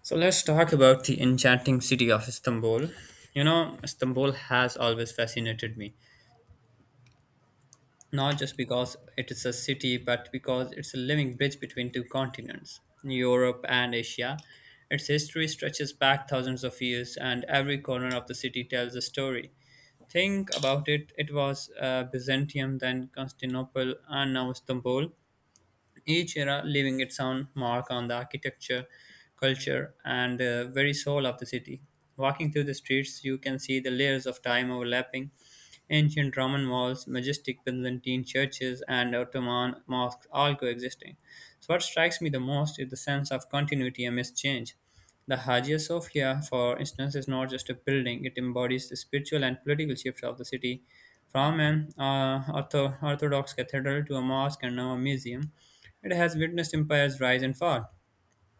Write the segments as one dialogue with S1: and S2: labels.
S1: So let's talk about the enchanting city of Istanbul. You know, Istanbul has always fascinated me, not just because it is a city, but because it's a living bridge between two continents, Europe and Asia. Its history stretches back thousands of years, and every corner of the city tells a story. Think about it it was Byzantium, then Constantinople, and now Istanbul each era leaving its own mark on the architecture, culture, and the very soul of the city. Walking through the streets, you can see the layers of time overlapping ancient Roman walls, majestic Byzantine churches, and Ottoman mosques all coexisting. So, what strikes me the most is the sense of continuity amidst change. The Hagia Sophia, for instance, is not just a building, it embodies the spiritual and political shift of the city. From an Orthodox cathedral to a mosque and now a museum, it has witnessed empires rise and fall,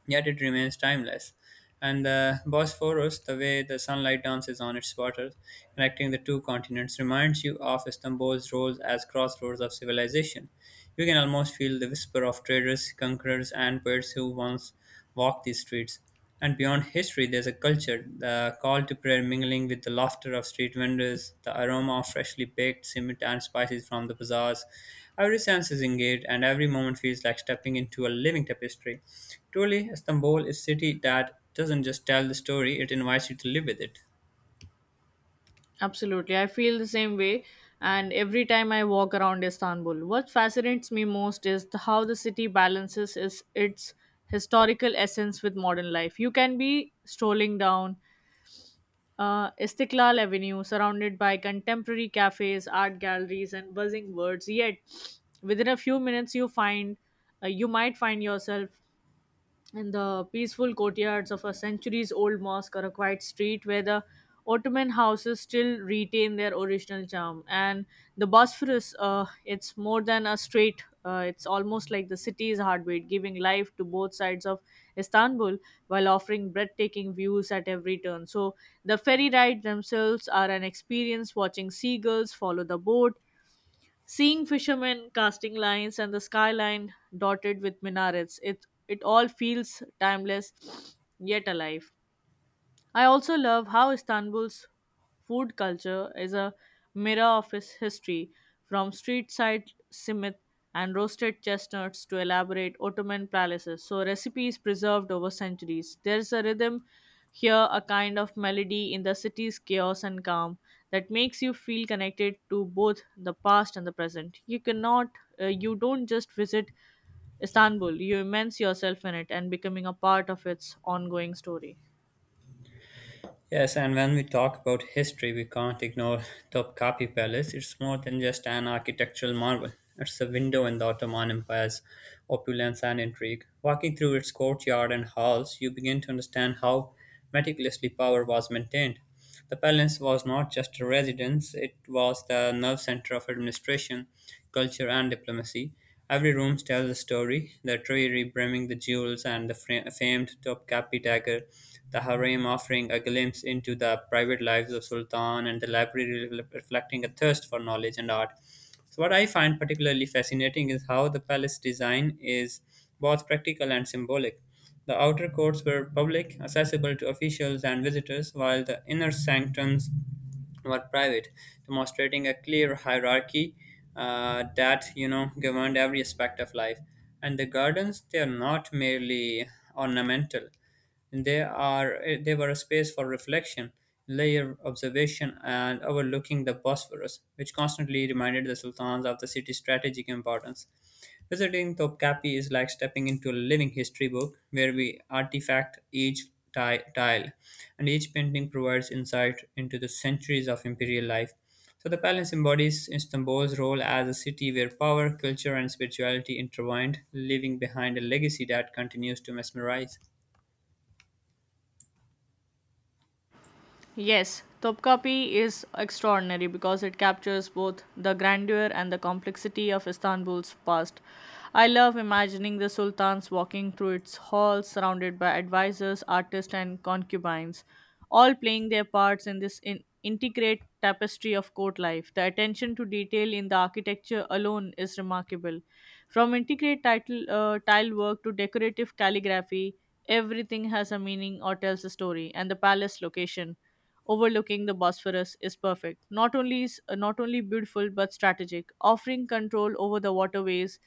S1: yet it remains timeless. And the Bosphorus, the way the sunlight dances on its waters, connecting the two continents, reminds you of Istanbul's role as crossroads of civilization. You can almost feel the whisper of traders, conquerors, and poets who once walked these streets. And beyond history, there's a culture, the call to prayer mingling with the laughter of street vendors, the aroma of freshly baked simit and spices from the bazaars. Every sense is engaged, and every moment feels like stepping into a living tapestry. Truly, Istanbul is a city that doesn't just tell the story, it invites you to live with it.
S2: Absolutely. I feel the same way. And every time I walk around Istanbul, what fascinates me most is how the city balances is its historical essence with modern life. You can be strolling down Istiklal Avenue, surrounded by contemporary cafes, art galleries, and buzzing words. Yet, within a few minutes, you might find yourself and the peaceful courtyards of a centuries old mosque or a quiet street where the Ottoman houses still retain their original charm. And the Bosphorus, it's more than a strait, it's almost like the city's heartbeat, giving life to both sides of Istanbul while offering breathtaking views at every turn. So the ferry rides themselves are an experience watching seagulls follow the boat. Seeing fishermen casting lines and the skyline dotted with minarets, it all feels timeless yet alive. I also love how Istanbul's food culture is a mirror of its history, from street side simit and roasted chestnuts to elaborate Ottoman palaces. So recipes preserved over centuries. There's a rhythm here, a kind of melody in the city's chaos and calm that makes you feel connected to both the past and the present. You don't just visit Istanbul, you immerse yourself in it and becoming a part of its ongoing story.
S1: Yes, and when we talk about history, we can't ignore Topkapi Palace. It's more than just an architectural marvel. It's a window in the Ottoman Empire's opulence and intrigue. Walking through its courtyard and halls, you begin to understand how meticulously power was maintained. The palace was not just a residence, it was the nerve center of administration, culture, and diplomacy. Every room tells a story the treasury brimming the jewels and the famed Topkapi dagger, the harem offering a glimpse into the private lives of Sultan, and the library reflecting a thirst for knowledge and art. So, what I find particularly fascinating is how the palace design is both practical and symbolic. The outer courts were public, accessible to officials and visitors, while the inner sanctums were private, demonstrating a clear hierarchy that you know governed every aspect of life. And the gardens, they are not merely ornamental; they were a space for reflection, layer observation, and overlooking the Bosphorus, which constantly reminded the sultans of the city's strategic importance. Visiting Topkapi is like stepping into a living history book where we artifact each tile, and each painting provides insight into the centuries of imperial life. So the palace embodies Istanbul's role as a city where power, culture, and spirituality intertwined, leaving behind a legacy that continues to mesmerize.
S2: Yes, Topkapi is extraordinary because it captures both the grandeur and the complexity of Istanbul's past. I love imagining the sultans walking through its halls surrounded by advisors, artists, and concubines, all playing their parts in this integrate tapestry of court life. The attention to detail in the architecture alone is remarkable. From intricate tile work to decorative calligraphy, everything has a meaning or tells a story, and the palace location overlooking the Bosphorus is perfect. Not only is not only beautiful but strategic, offering control over the waterways,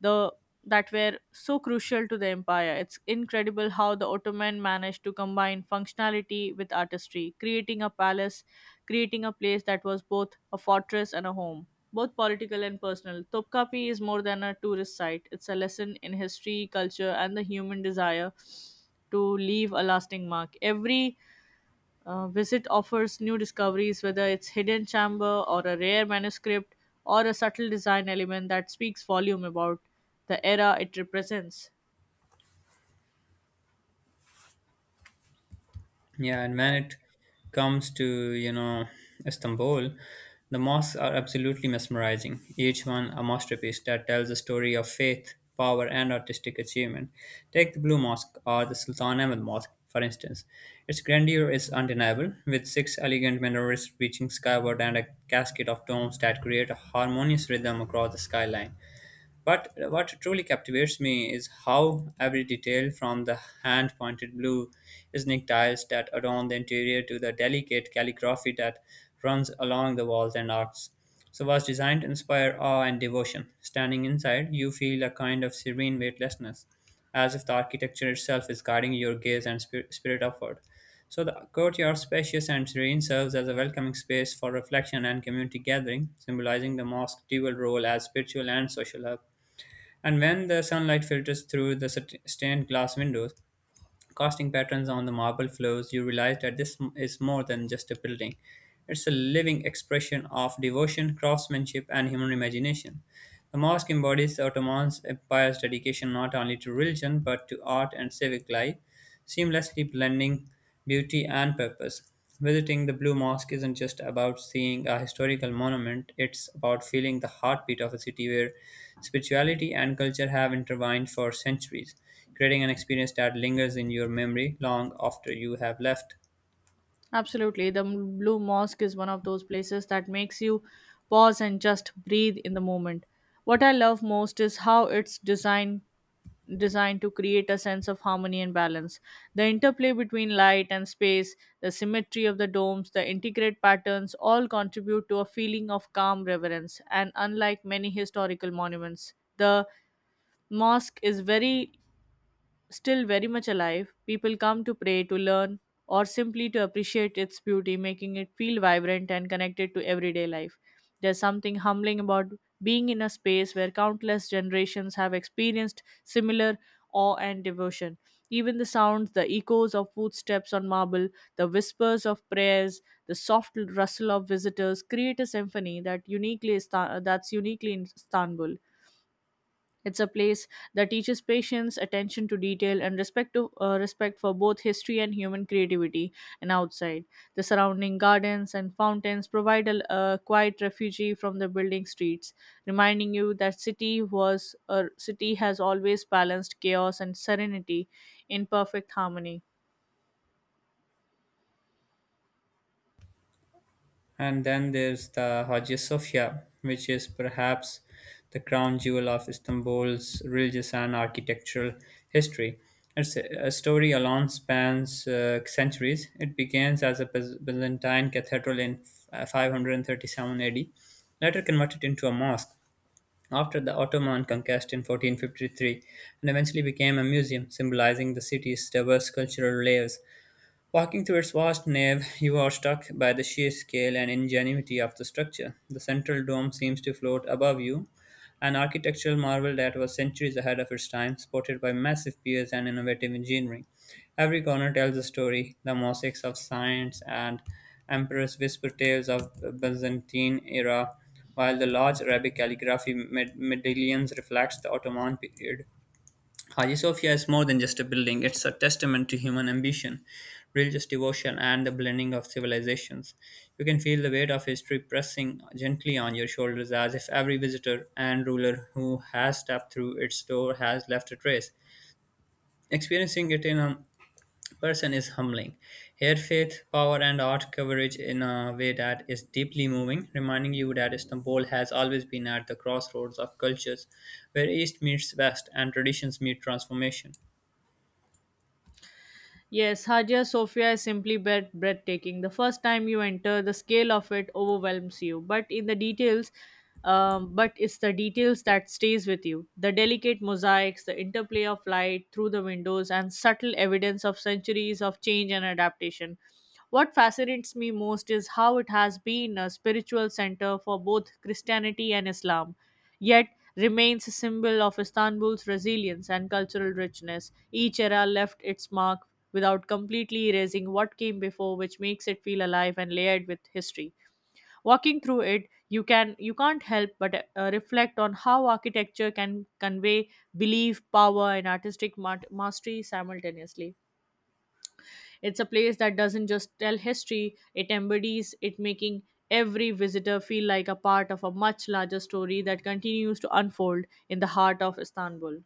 S2: the that were so crucial to the empire. It's incredible how the Ottoman managed to combine functionality with artistry, creating a place that was both a fortress and a home. Both political and personal, Topkapi is more than a tourist site. It's a lesson in history, culture, and the human desire to leave a lasting mark. Every visit offers new discoveries, whether it's hidden chamber or a rare manuscript or a subtle design element that speaks volume about the era it represents.
S1: Yeah, and when
S2: Yeah.
S1: it comes to, you know, Istanbul, the mosques are absolutely mesmerizing, each one a masterpiece that tells a story of faith, power, and artistic achievement. Take the Blue Mosque or the Sultan Ahmed Mosque, for instance. Its grandeur is undeniable, with six elegant minarets reaching skyward and a cascade of domes that create a harmonious rhythm across the skyline. But what truly captivates me is how every detail, from the hand pointed blue snake tiles that adorn the interior to the delicate calligraphy that runs along the walls and arcs, so was designed to inspire awe and devotion. Standing inside, you feel a kind of serene weightlessness, as if the architecture itself is guiding your gaze and spirit upward. So the courtyard, spacious and serene, serves as a welcoming space for reflection and community gathering, symbolizing the mosque's dual role as spiritual and social hub and when the sunlight filters through the stained glass windows, casting patterns on the marble floors, you realize that this is more than just a building. It's a living expression of devotion, craftsmanship, and human imagination. The mosque embodies the Ottoman Empire's dedication not only to religion but to art and civic life seamlessly blending beauty and purpose. Visiting the Blue Mosque isn't just about seeing a historical monument, it's about feeling the heartbeat of a city where spirituality and culture have intertwined for centuries, creating an experience that lingers in your memory long after you have left.
S2: Absolutely, the Blue Mosque is one of those places that makes you pause and just breathe in the moment. What I love most is how it's designed to create a sense of harmony and balance. The interplay between light and space, the symmetry of the domes, the intricate patterns all contribute to a feeling of calm reverence. And unlike many historical monuments, the mosque is very still very much alive. People come to pray, to learn, or simply to appreciate its beauty, making it feel vibrant and connected to everyday life. There's something humbling about being in a space where countless generations have experienced similar awe and devotion. Even the sounds, the echoes of footsteps on marble, the whispers of prayers, the soft rustle of visitors create a symphony that that's uniquely in Istanbul. It's a place that teaches patience, attention to detail, and respect for both history and human creativity. And outside, the surrounding gardens and fountains provide a quiet refuge from the building streets, reminding you that city was a city has always balanced chaos and serenity in perfect harmony.
S1: And then there's the Hagia Sophia, which is perhaps the crown jewel of Istanbul's religious and architectural history. Its a story alone spans centuries. It begins as a Byzantine cathedral in 537 AD, later converted into a mosque after the Ottoman conquest in 1453, and eventually became a museum symbolizing the city's diverse cultural layers. Walking through its vast nave, you are struck by the sheer scale and ingenuity of the structure. The central dome seems to float above you, an architectural marvel that was centuries ahead of its time, supported by massive piers and innovative engineering. Every corner tells a story the mosaics of science and emperors whisper tales of Byzantine era, while the large Arabic calligraphy medallions reflects the Ottoman period. Hagia Sophia is more than just a building, it's a testament to human ambition, religious devotion, and the blending of civilizations. You can feel the weight of history pressing gently on your shoulders as if every visitor and ruler who has stepped through its door has left a trace. Experiencing it in a person is humbling. Here, faith, power, and art coverage in a way that is deeply moving, reminding you that Istanbul has always been at the crossroads of cultures where East meets West and traditions meet transformation.
S2: Yes, Hagia Sophia is simply breathtaking. The first time you enter, the scale of it overwhelms you. But it's the details that stays with you. The delicate mosaics, the interplay of light through the windows, and subtle evidence of centuries of change and adaptation. What fascinates me most is how it has been a spiritual center for both Christianity and Islam, yet remains a symbol of Istanbul's resilience and cultural richness. Each era left its mark without completely erasing what came before, which makes it feel alive and layered with history. Walking through it, you can't help but reflect on how architecture can convey belief, power, and artistic mastery simultaneously. It's a place that doesn't just tell history, it embodies it, making every visitor feel like a part of a much larger story that continues to unfold in the heart of Istanbul.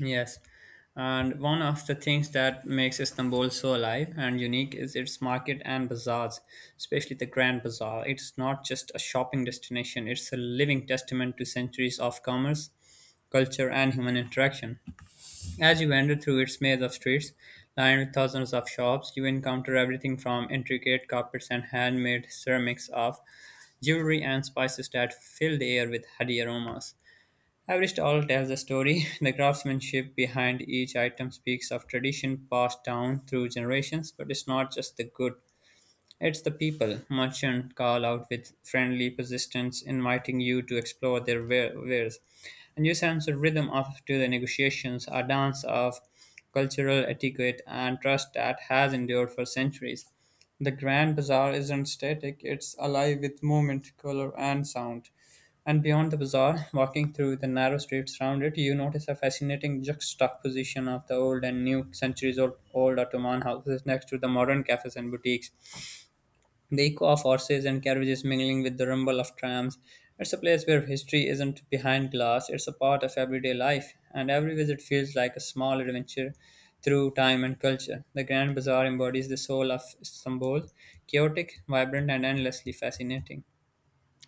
S1: Yes, and one of the things that makes Istanbul so alive and unique is its market and bazaars, especially the Grand Bazaar. It's not just a shopping destination, it's a living testament to centuries of commerce, culture, and human interaction. As you wander through its maze of streets, lined with thousands of shops, you encounter everything from intricate carpets and handmade ceramics of jewelry and spices that fill the air with heady aromas. Every stall tells a story. The craftsmanship behind each item speaks of tradition passed down through generations, but it's not just the good. It's the people, merchant call out with friendly persistence, inviting you to explore their wares. And you sense a rhythm of to the negotiations, a dance of cultural etiquette and trust that has endured for centuries. The Grand Bazaar isn't static, it's alive with movement, color, and sound. And beyond the bazaar, walking through the narrow streets around it, you notice a fascinating juxtaposition of the old and new centuries old, old Ottoman houses next to the modern cafes and boutiques. The echo of horses and carriages mingling with the rumble of trams. It's a place where history isn't behind glass, it's a part of everyday life, and every visit feels like a small adventure through time and culture. The Grand Bazaar embodies the soul of Istanbul, chaotic, vibrant, and endlessly fascinating.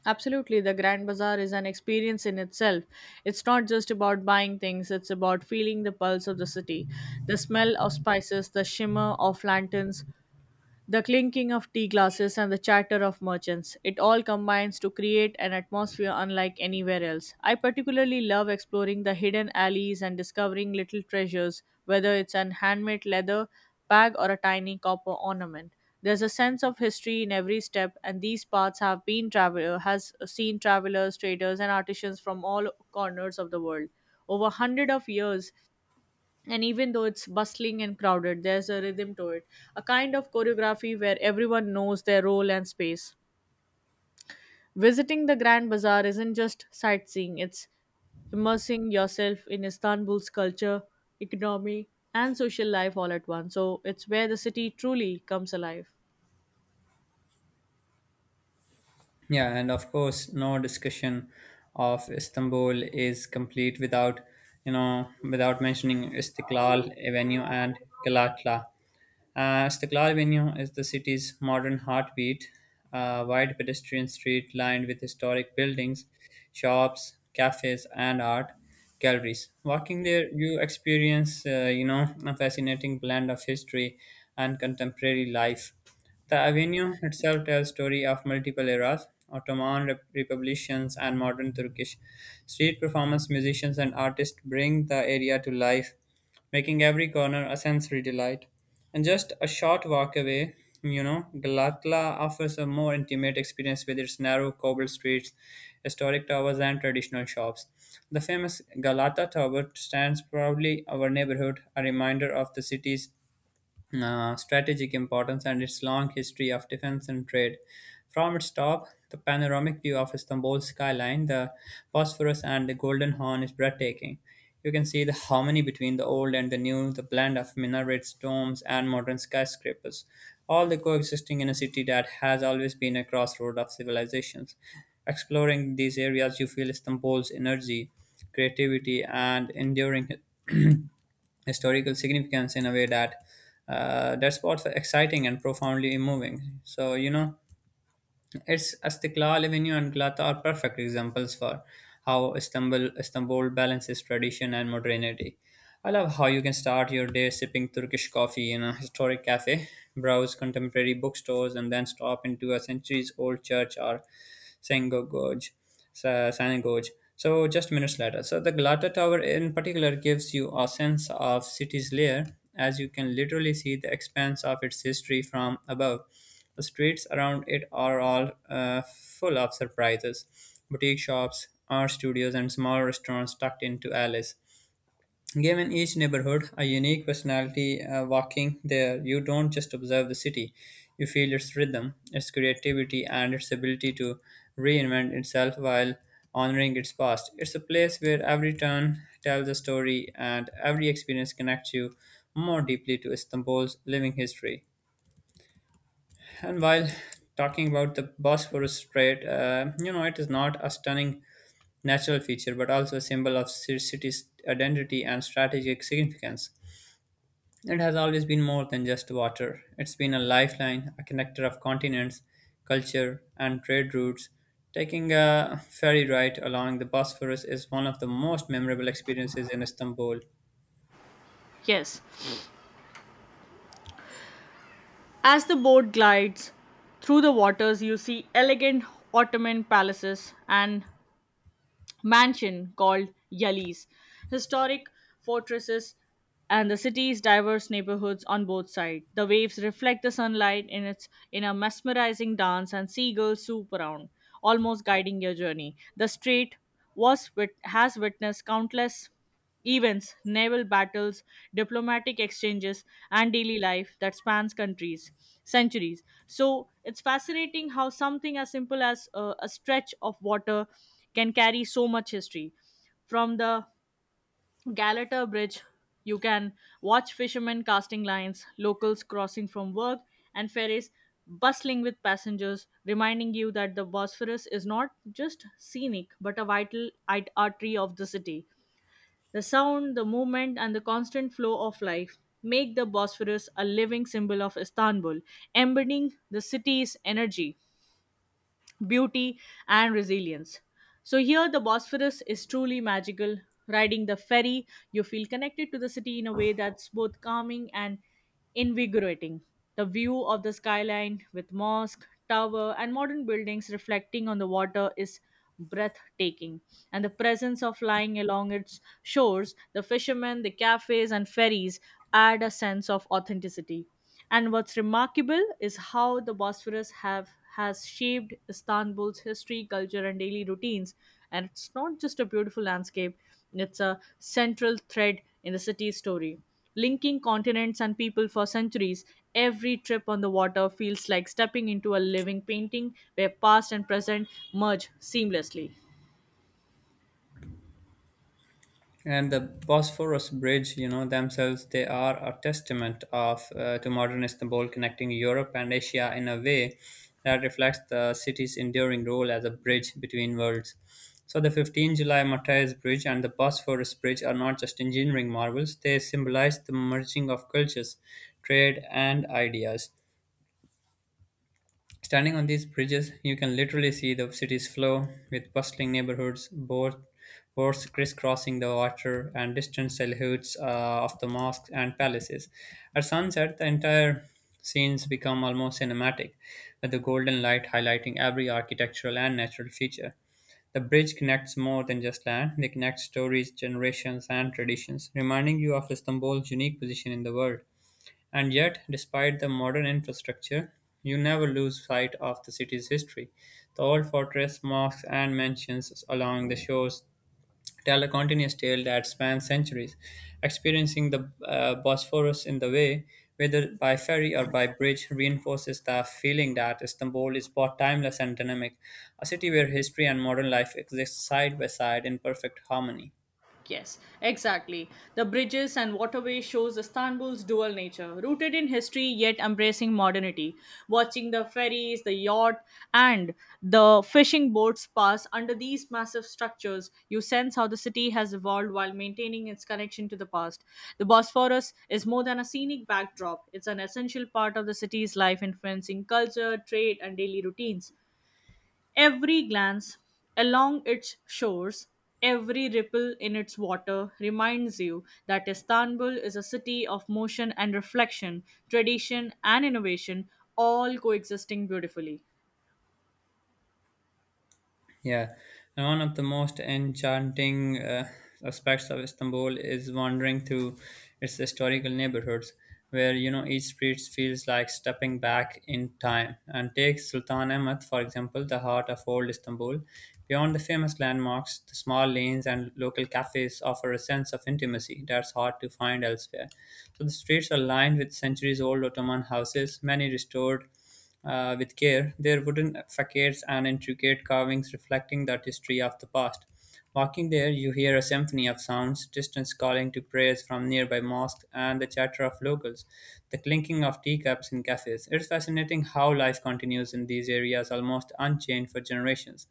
S2: Absolutely, the Grand Bazaar is an experience in itself. It's not just about buying things, it's about feeling the pulse of the city. The smell of spices, the shimmer of lanterns, the clinking of tea glasses and the chatter of merchants, it all combines to create an atmosphere unlike anywhere else. I particularly love exploring the hidden alleys and discovering little treasures, whether it's an handmade leather bag or a tiny copper ornament. There's a sense of history in every step, and these paths have been travel has seen travelers, traders, and artisans from all corners of the world. Over hundred of years, and even though it's bustling and crowded, there's a rhythm to it, a kind of choreography where everyone knows their role and space. Visiting the Grand Bazaar isn't just sightseeing, it's immersing yourself in Istanbul's culture, economy, and social life all at once. So it's where the city truly comes alive.
S1: Yeah, and of course, no discussion of Istanbul is complete without, you know, without mentioning Istiklal Avenue and Galatla. Istiklal Avenue is the city's modern heartbeat, a wide pedestrian street lined with historic buildings, shops, cafes, and art galleries. Walking there, you experience, you know, a fascinating blend of history and contemporary life. The avenue itself tells story of multiple eras, Ottoman republicans and modern Turkish. Street performers, musicians and artists bring the area to life, making every corner a sensory delight. And just a short walk away, you know, Galatla offers a more intimate experience with its narrow cobbled streets, historic towers and traditional shops. The famous Galata Tower stands proudly our neighborhood, a reminder of the city's strategic importance and its long history of defense and trade. From its top, the panoramic view of Istanbul's skyline, the Bosphorus and the Golden Horn is breathtaking. You can see the harmony between the old and the new, the blend of minarets, domes, and modern skyscrapers, all the coexisting in a city that has always been a crossroad of civilizations. Exploring these areas, you feel Istanbul's energy, creativity, and enduring historical significance in a way that that's both exciting and profoundly moving. So you know, it's Astiklal Avenue and Galata are perfect examples for how Istanbul balances tradition and modernity. I love how you can start your day sipping Turkish coffee in a historic cafe, browse contemporary bookstores, and then stop into a centuries-old church or synagogue. San Gorge. So just minutes later. So the Galata Tower in particular gives you a sense of city's layer as you can literally see the expanse of its history from above. The streets around it are all full of surprises. Boutique shops, art studios, and small restaurants tucked into alleys. Given each neighborhood a unique personality, walking there, you don't just observe the city, you feel its rhythm, its creativity, and its ability to reinvent itself while honoring its past. It's a place where every turn tells a story and every experience connects you more deeply to Istanbul's living history. And while talking about the Bosphorus Strait, it is not a stunning natural feature but also a symbol of city's identity and strategic significance. It has always been more than just water. It's been a lifeline, a connector of continents, culture, and trade routes. Taking a ferry ride along the Bosphorus is one of the most memorable experiences in Istanbul.
S2: Yes. As the boat glides through the waters, you see elegant Ottoman palaces and mansion called Yali's, historic fortresses, and the city's diverse neighborhoods on both sides. The waves reflect the sunlight in a mesmerizing dance, and seagulls swoop around, almost guiding your journey. The strait has witnessed countless events, naval battles, diplomatic exchanges, and daily life that spans countries, centuries. So it's fascinating how something as simple as a stretch of water can carry so much history. From the Galata Bridge, you can watch fishermen casting lines, locals crossing from work, and ferries bustling with passengers, reminding you that the Bosphorus is not just scenic but a vital artery of the city. The sound, the movement, and the constant flow of life make the Bosphorus a living symbol of Istanbul, embodying the city's energy, beauty, and resilience. So, here the Bosphorus is truly magical. Riding the ferry, you feel connected to the city in a way that's both calming and invigorating. The view of the skyline with mosque, tower, and modern buildings reflecting on the water is breathtaking. And the presence of lying along its shores, the fishermen, the cafes, and ferries add a sense of authenticity. And what's remarkable is how the Bosphorus have has shaped Istanbul's history, culture, and daily routines. And it's not just a beautiful landscape; it's a central thread in the city's story, linking continents and people for centuries. Every trip on the water feels like stepping into a living painting where past and present merge seamlessly.
S1: And the Bosphorus Bridge, you know, themselves, they are a testament of to modern Istanbul, connecting Europe and Asia in a way that reflects the city's enduring role as a bridge between worlds. So the 15 July Matayas Bridge and the Bosphorus Bridge are not just engineering marvels; they symbolize the merging of cultures, trade, and ideas. Standing on these bridges, you can literally see the city's flow, with bustling neighborhoods, boats crisscrossing the water, and distant silhouettes of the mosques and palaces. At sunset, the entire scenes become almost cinematic, with the golden light highlighting every architectural and natural feature. The bridge connects more than just land, they connect stories, generations, and traditions, reminding you of Istanbul's unique position in the world. And yet, despite the modern infrastructure, you never lose sight of the city's history. The old fortress, mosques, and mansions along the shores tell a continuous tale that spans centuries. Experiencing the Bosphorus in the way, whether by ferry or by bridge, reinforces the feeling that Istanbul is both timeless and dynamic, a city where history and modern life exist side by side in perfect harmony.
S2: Yes, exactly. The bridges and waterway shows Istanbul's dual nature, rooted in history yet embracing modernity. Watching the ferries, the yacht, and the fishing boats pass under these massive structures, you sense how the city has evolved while maintaining its connection to the past. The Bosphorus is more than a scenic backdrop, it's an essential part of the city's life, influencing culture, trade, and daily routines. Every glance along its shores, every ripple in its water reminds you that Istanbul is a city of motion and reflection, tradition and innovation, all coexisting beautifully.
S1: Yeah, and one of the most enchanting aspects of Istanbul is wandering through its historical neighborhoods, where you know each street feels like stepping back in time. And take Sultan Ahmet, for example, the heart of old Istanbul. Beyond the famous landmarks, the small lanes and local cafes offer a sense of intimacy that's hard to find elsewhere. So the streets are lined with centuries-old Ottoman houses, many restored with care, their wooden facades and intricate carvings reflecting that history of the past. Walking there, you hear a symphony of sounds, distance calling to prayers from nearby mosques, and the chatter of locals, the clinking of teacups in cafes. It's fascinating how life continues in these areas almost unchanged for generations,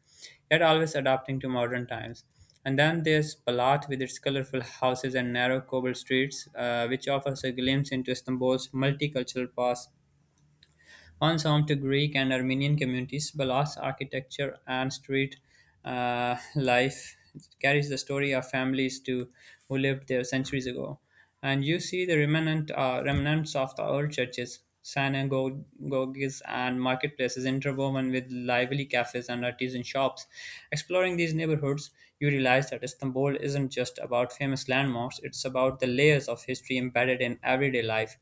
S1: yet always adapting to modern times. And then there's Balat with its colorful houses and narrow cobble streets, which offers a glimpse into Istanbul's multicultural past once home to Greek and Armenian communities, Balas architecture and street life carries the story of families to, who lived there centuries ago. And you see the remnants of the old churches, synagogues, and marketplaces interwoven with lively cafes and artisan shops. Exploring these neighborhoods, you realize that Istanbul isn't just about famous landmarks, it's about the layers of history embedded in everyday life.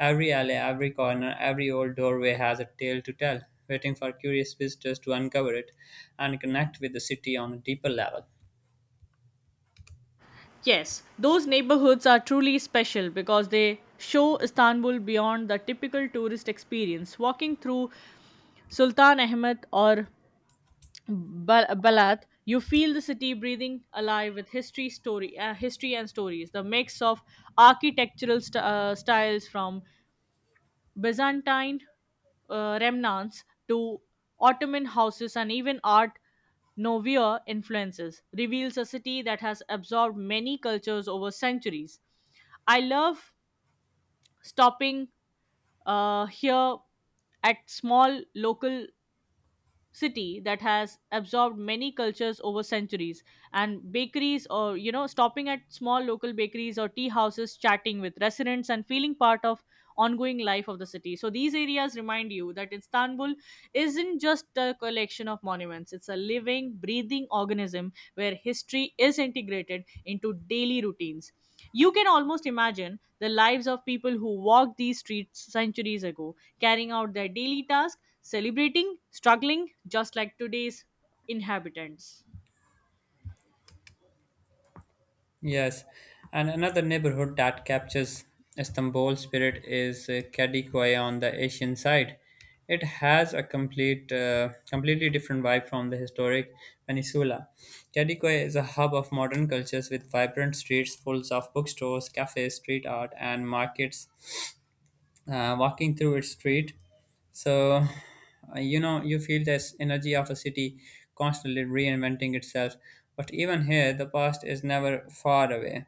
S1: Every alley, every corner, every old doorway has a tale to tell, waiting for curious visitors to uncover it and connect with the city on a deeper level.
S2: Yes, those neighborhoods are truly special because they show Istanbul beyond the typical tourist experience. Walking through Sultan Ahmed or Balat, you feel the city breathing alive with history, history and stories. The mix of styles from Byzantine remnants to Ottoman houses and even Art Nouveau influences reveals a city that has absorbed many cultures over centuries. I love stopping here at small local city that has absorbed many cultures over centuries and bakeries or you know stopping at small local bakeries or tea houses, chatting with residents and feeling part of ongoing life of the city. So these areas remind you that Istanbul isn't just a collection of monuments, it's a living breathing organism where history is integrated into daily routines. You can almost imagine the lives of people who walked these streets centuries ago, carrying out their daily tasks, celebrating, struggling, just like today's inhabitants.
S1: Yes, and another neighborhood that captures Istanbul spirit is Kadıköy on the Asian side. It has a completely different vibe from the historic peninsula. Kadıköy is a hub of modern cultures with vibrant streets full of bookstores, cafes, street art, and markets. Walking through its street. So, you feel this energy of a city constantly reinventing itself. But even here, the past is never far away.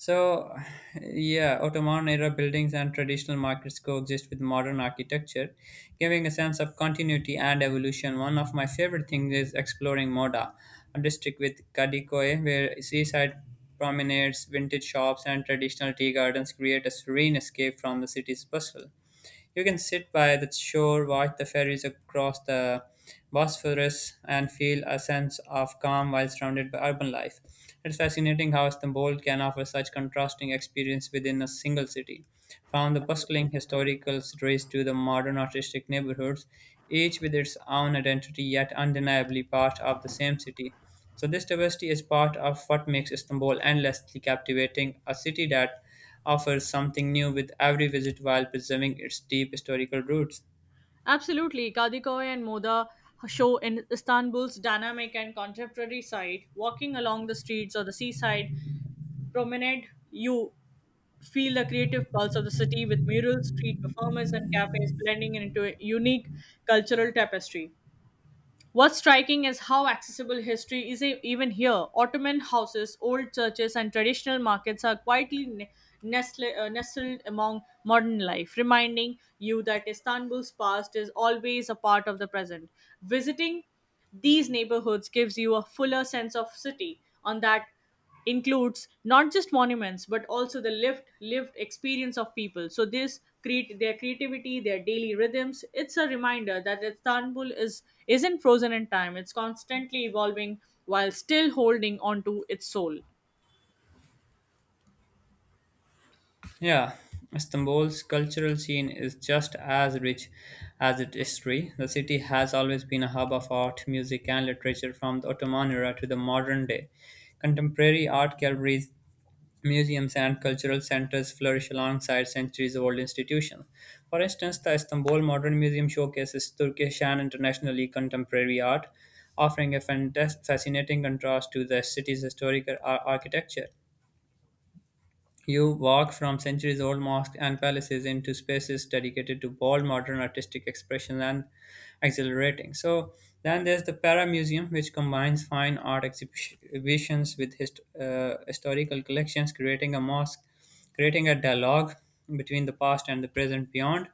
S1: So, yeah, Ottoman era buildings and traditional markets coexist with modern architecture, giving a sense of continuity and evolution. One of my favorite things is exploring Moda, a district with Kadikoye, where seaside promenades, vintage shops, and traditional tea gardens create a serene escape from the city's bustle. You can sit by the shore, watch the ferries across the Bosphorus, and feel a sense of calm while surrounded by urban life. It's fascinating how Istanbul can offer such contrasting experience within a single city. From the bustling historical streets to the modern artistic neighborhoods, each with its own identity yet undeniably part of the same city. So, this diversity is part of what makes Istanbul endlessly captivating, a city that offers something new with every visit while preserving its deep historical roots.
S2: Absolutely, Kadikoy and Moda show in Istanbul's dynamic and contemporary side. Walking along the streets or the seaside promenade, you feel the creative pulse of the city with murals, street performers, and cafes blending into a unique cultural tapestry. What's striking is how accessible history is even here. Ottoman houses, old churches, and traditional markets are quietly nestled among modern life, reminding you that Istanbul's past is always a part of the present. Visiting these neighborhoods gives you a fuller sense of city on that includes not just monuments but also the lived experience of people, so this create their creativity, their daily rhythms. It's a reminder that istanbul is isn't frozen in time, it's constantly evolving while still holding on to its soul.
S1: Yeah, Istanbul's cultural scene is just as rich as its history. The city has always been a hub of art, music, and literature from the Ottoman era to the modern day. Contemporary art galleries, museums, and cultural centers flourish alongside centuries-old institutions. For instance, the Istanbul Modern Museum showcases Turkish and internationally contemporary art, offering a fascinating contrast to the city's historic architecture. You walk from centuries old mosques and palaces into spaces dedicated to bold modern artistic expression and exhilarating. So, then there's the Para Museum, which combines fine art exhibitions with historical collections, creating a dialogue between the past and the present beyond.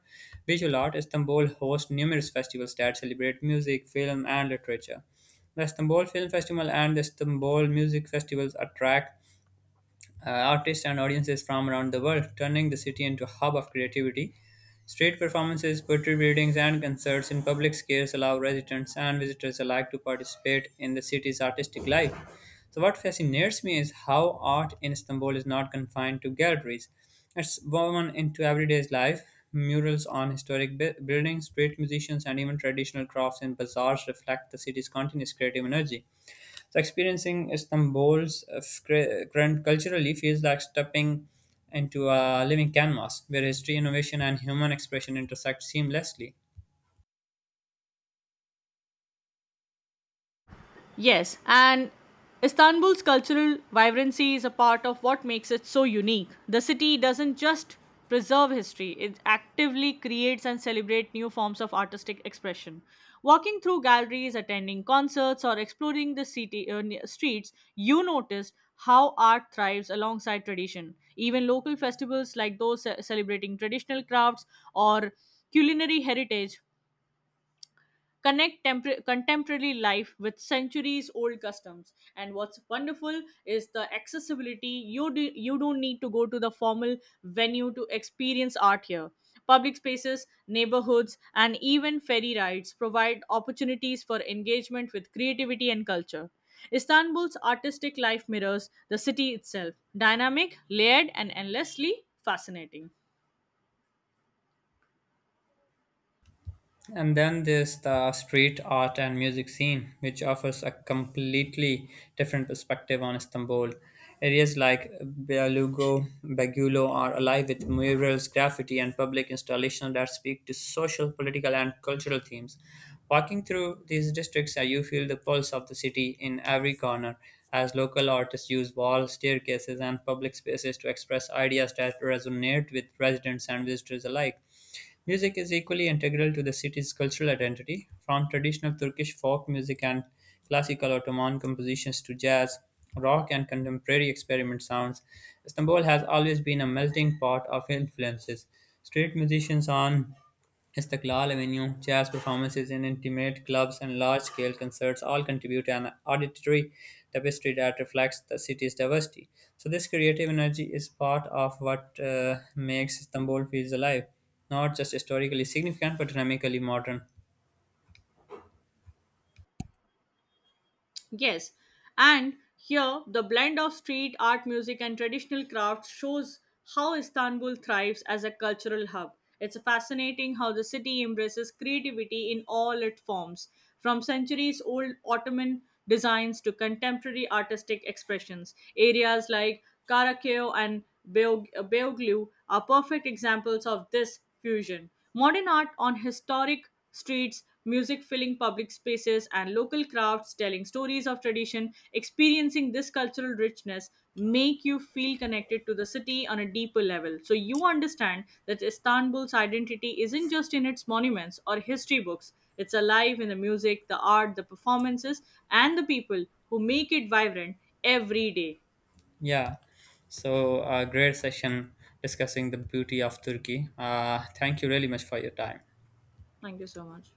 S1: Visual Art Istanbul hosts numerous festivals that celebrate music, film, and literature. The Istanbul Film Festival and the Istanbul Music Festivals attract artists and audiences from around the world, turning the city into a hub of creativity. Street performances, poetry readings, and concerts in public squares allow residents and visitors alike to participate in the city's artistic life. So, what fascinates me is how art in Istanbul is not confined to galleries. It's woven into everyday life. Murals on historic buildings, street musicians, and even traditional crafts in bazaars reflect the city's continuous creative energy. So experiencing Istanbul's current culturally feels like stepping into a living canvas where history, innovation, and human expression intersect seamlessly.
S2: Yes, and Istanbul's cultural vibrancy is a part of what makes it so unique. The city doesn't just preserve history, it actively creates and celebrates new forms of artistic expression. Walking through galleries, attending concerts, or exploring the city streets, you notice how art thrives alongside tradition. Even local festivals like those celebrating traditional crafts or culinary heritage connect contemporary life with centuries old customs. And what's wonderful is the accessibility. You don't need to go to the formal venue to experience art here. Public spaces, neighborhoods, and even ferry rides provide opportunities for engagement with creativity and culture. Istanbul's artistic life mirrors the city itself, dynamic, layered, and endlessly fascinating.
S1: And then there's the street art and music scene, which offers a completely different perspective on Istanbul. Areas like Bagulo are alive with murals, graffiti, and public installations that speak to social, political, and cultural themes. Walking through these districts, you feel the pulse of the city in every corner, as local artists use walls, staircases, and public spaces to express ideas that resonate with residents and visitors alike. Music is equally integral to the city's cultural identity, from traditional Turkish folk music and classical Ottoman compositions to jazz, rock, and contemporary experiment sounds. Istanbul has always been a melting pot of influences. Street musicians on Istiqlal Avenue, jazz performances in intimate clubs and large-scale concerts all contribute to an auditory tapestry that reflects the city's diversity. So this creative energy is part of what makes Istanbul feels alive, not just historically significant but dynamically modern.
S2: Yes, and here the blend of street art, music, and traditional crafts shows how Istanbul thrives as a cultural hub. It's fascinating how the city embraces creativity in all its forms, from centuries old Ottoman designs to contemporary artistic expressions. Areas like Karakeo and Beoglu are perfect examples of this fusion. Modern art on historic streets, music filling public spaces, and local crafts telling stories of tradition, experiencing this cultural richness make you feel connected to the city on a deeper level. So you understand that Istanbul's identity isn't just in its monuments or history books. It's alive in the music, the art, the performances, and the people who make it vibrant every day.
S1: Yeah. So a great session discussing the beauty of Turkey. Thank you really much for your time.
S2: Thank you so much.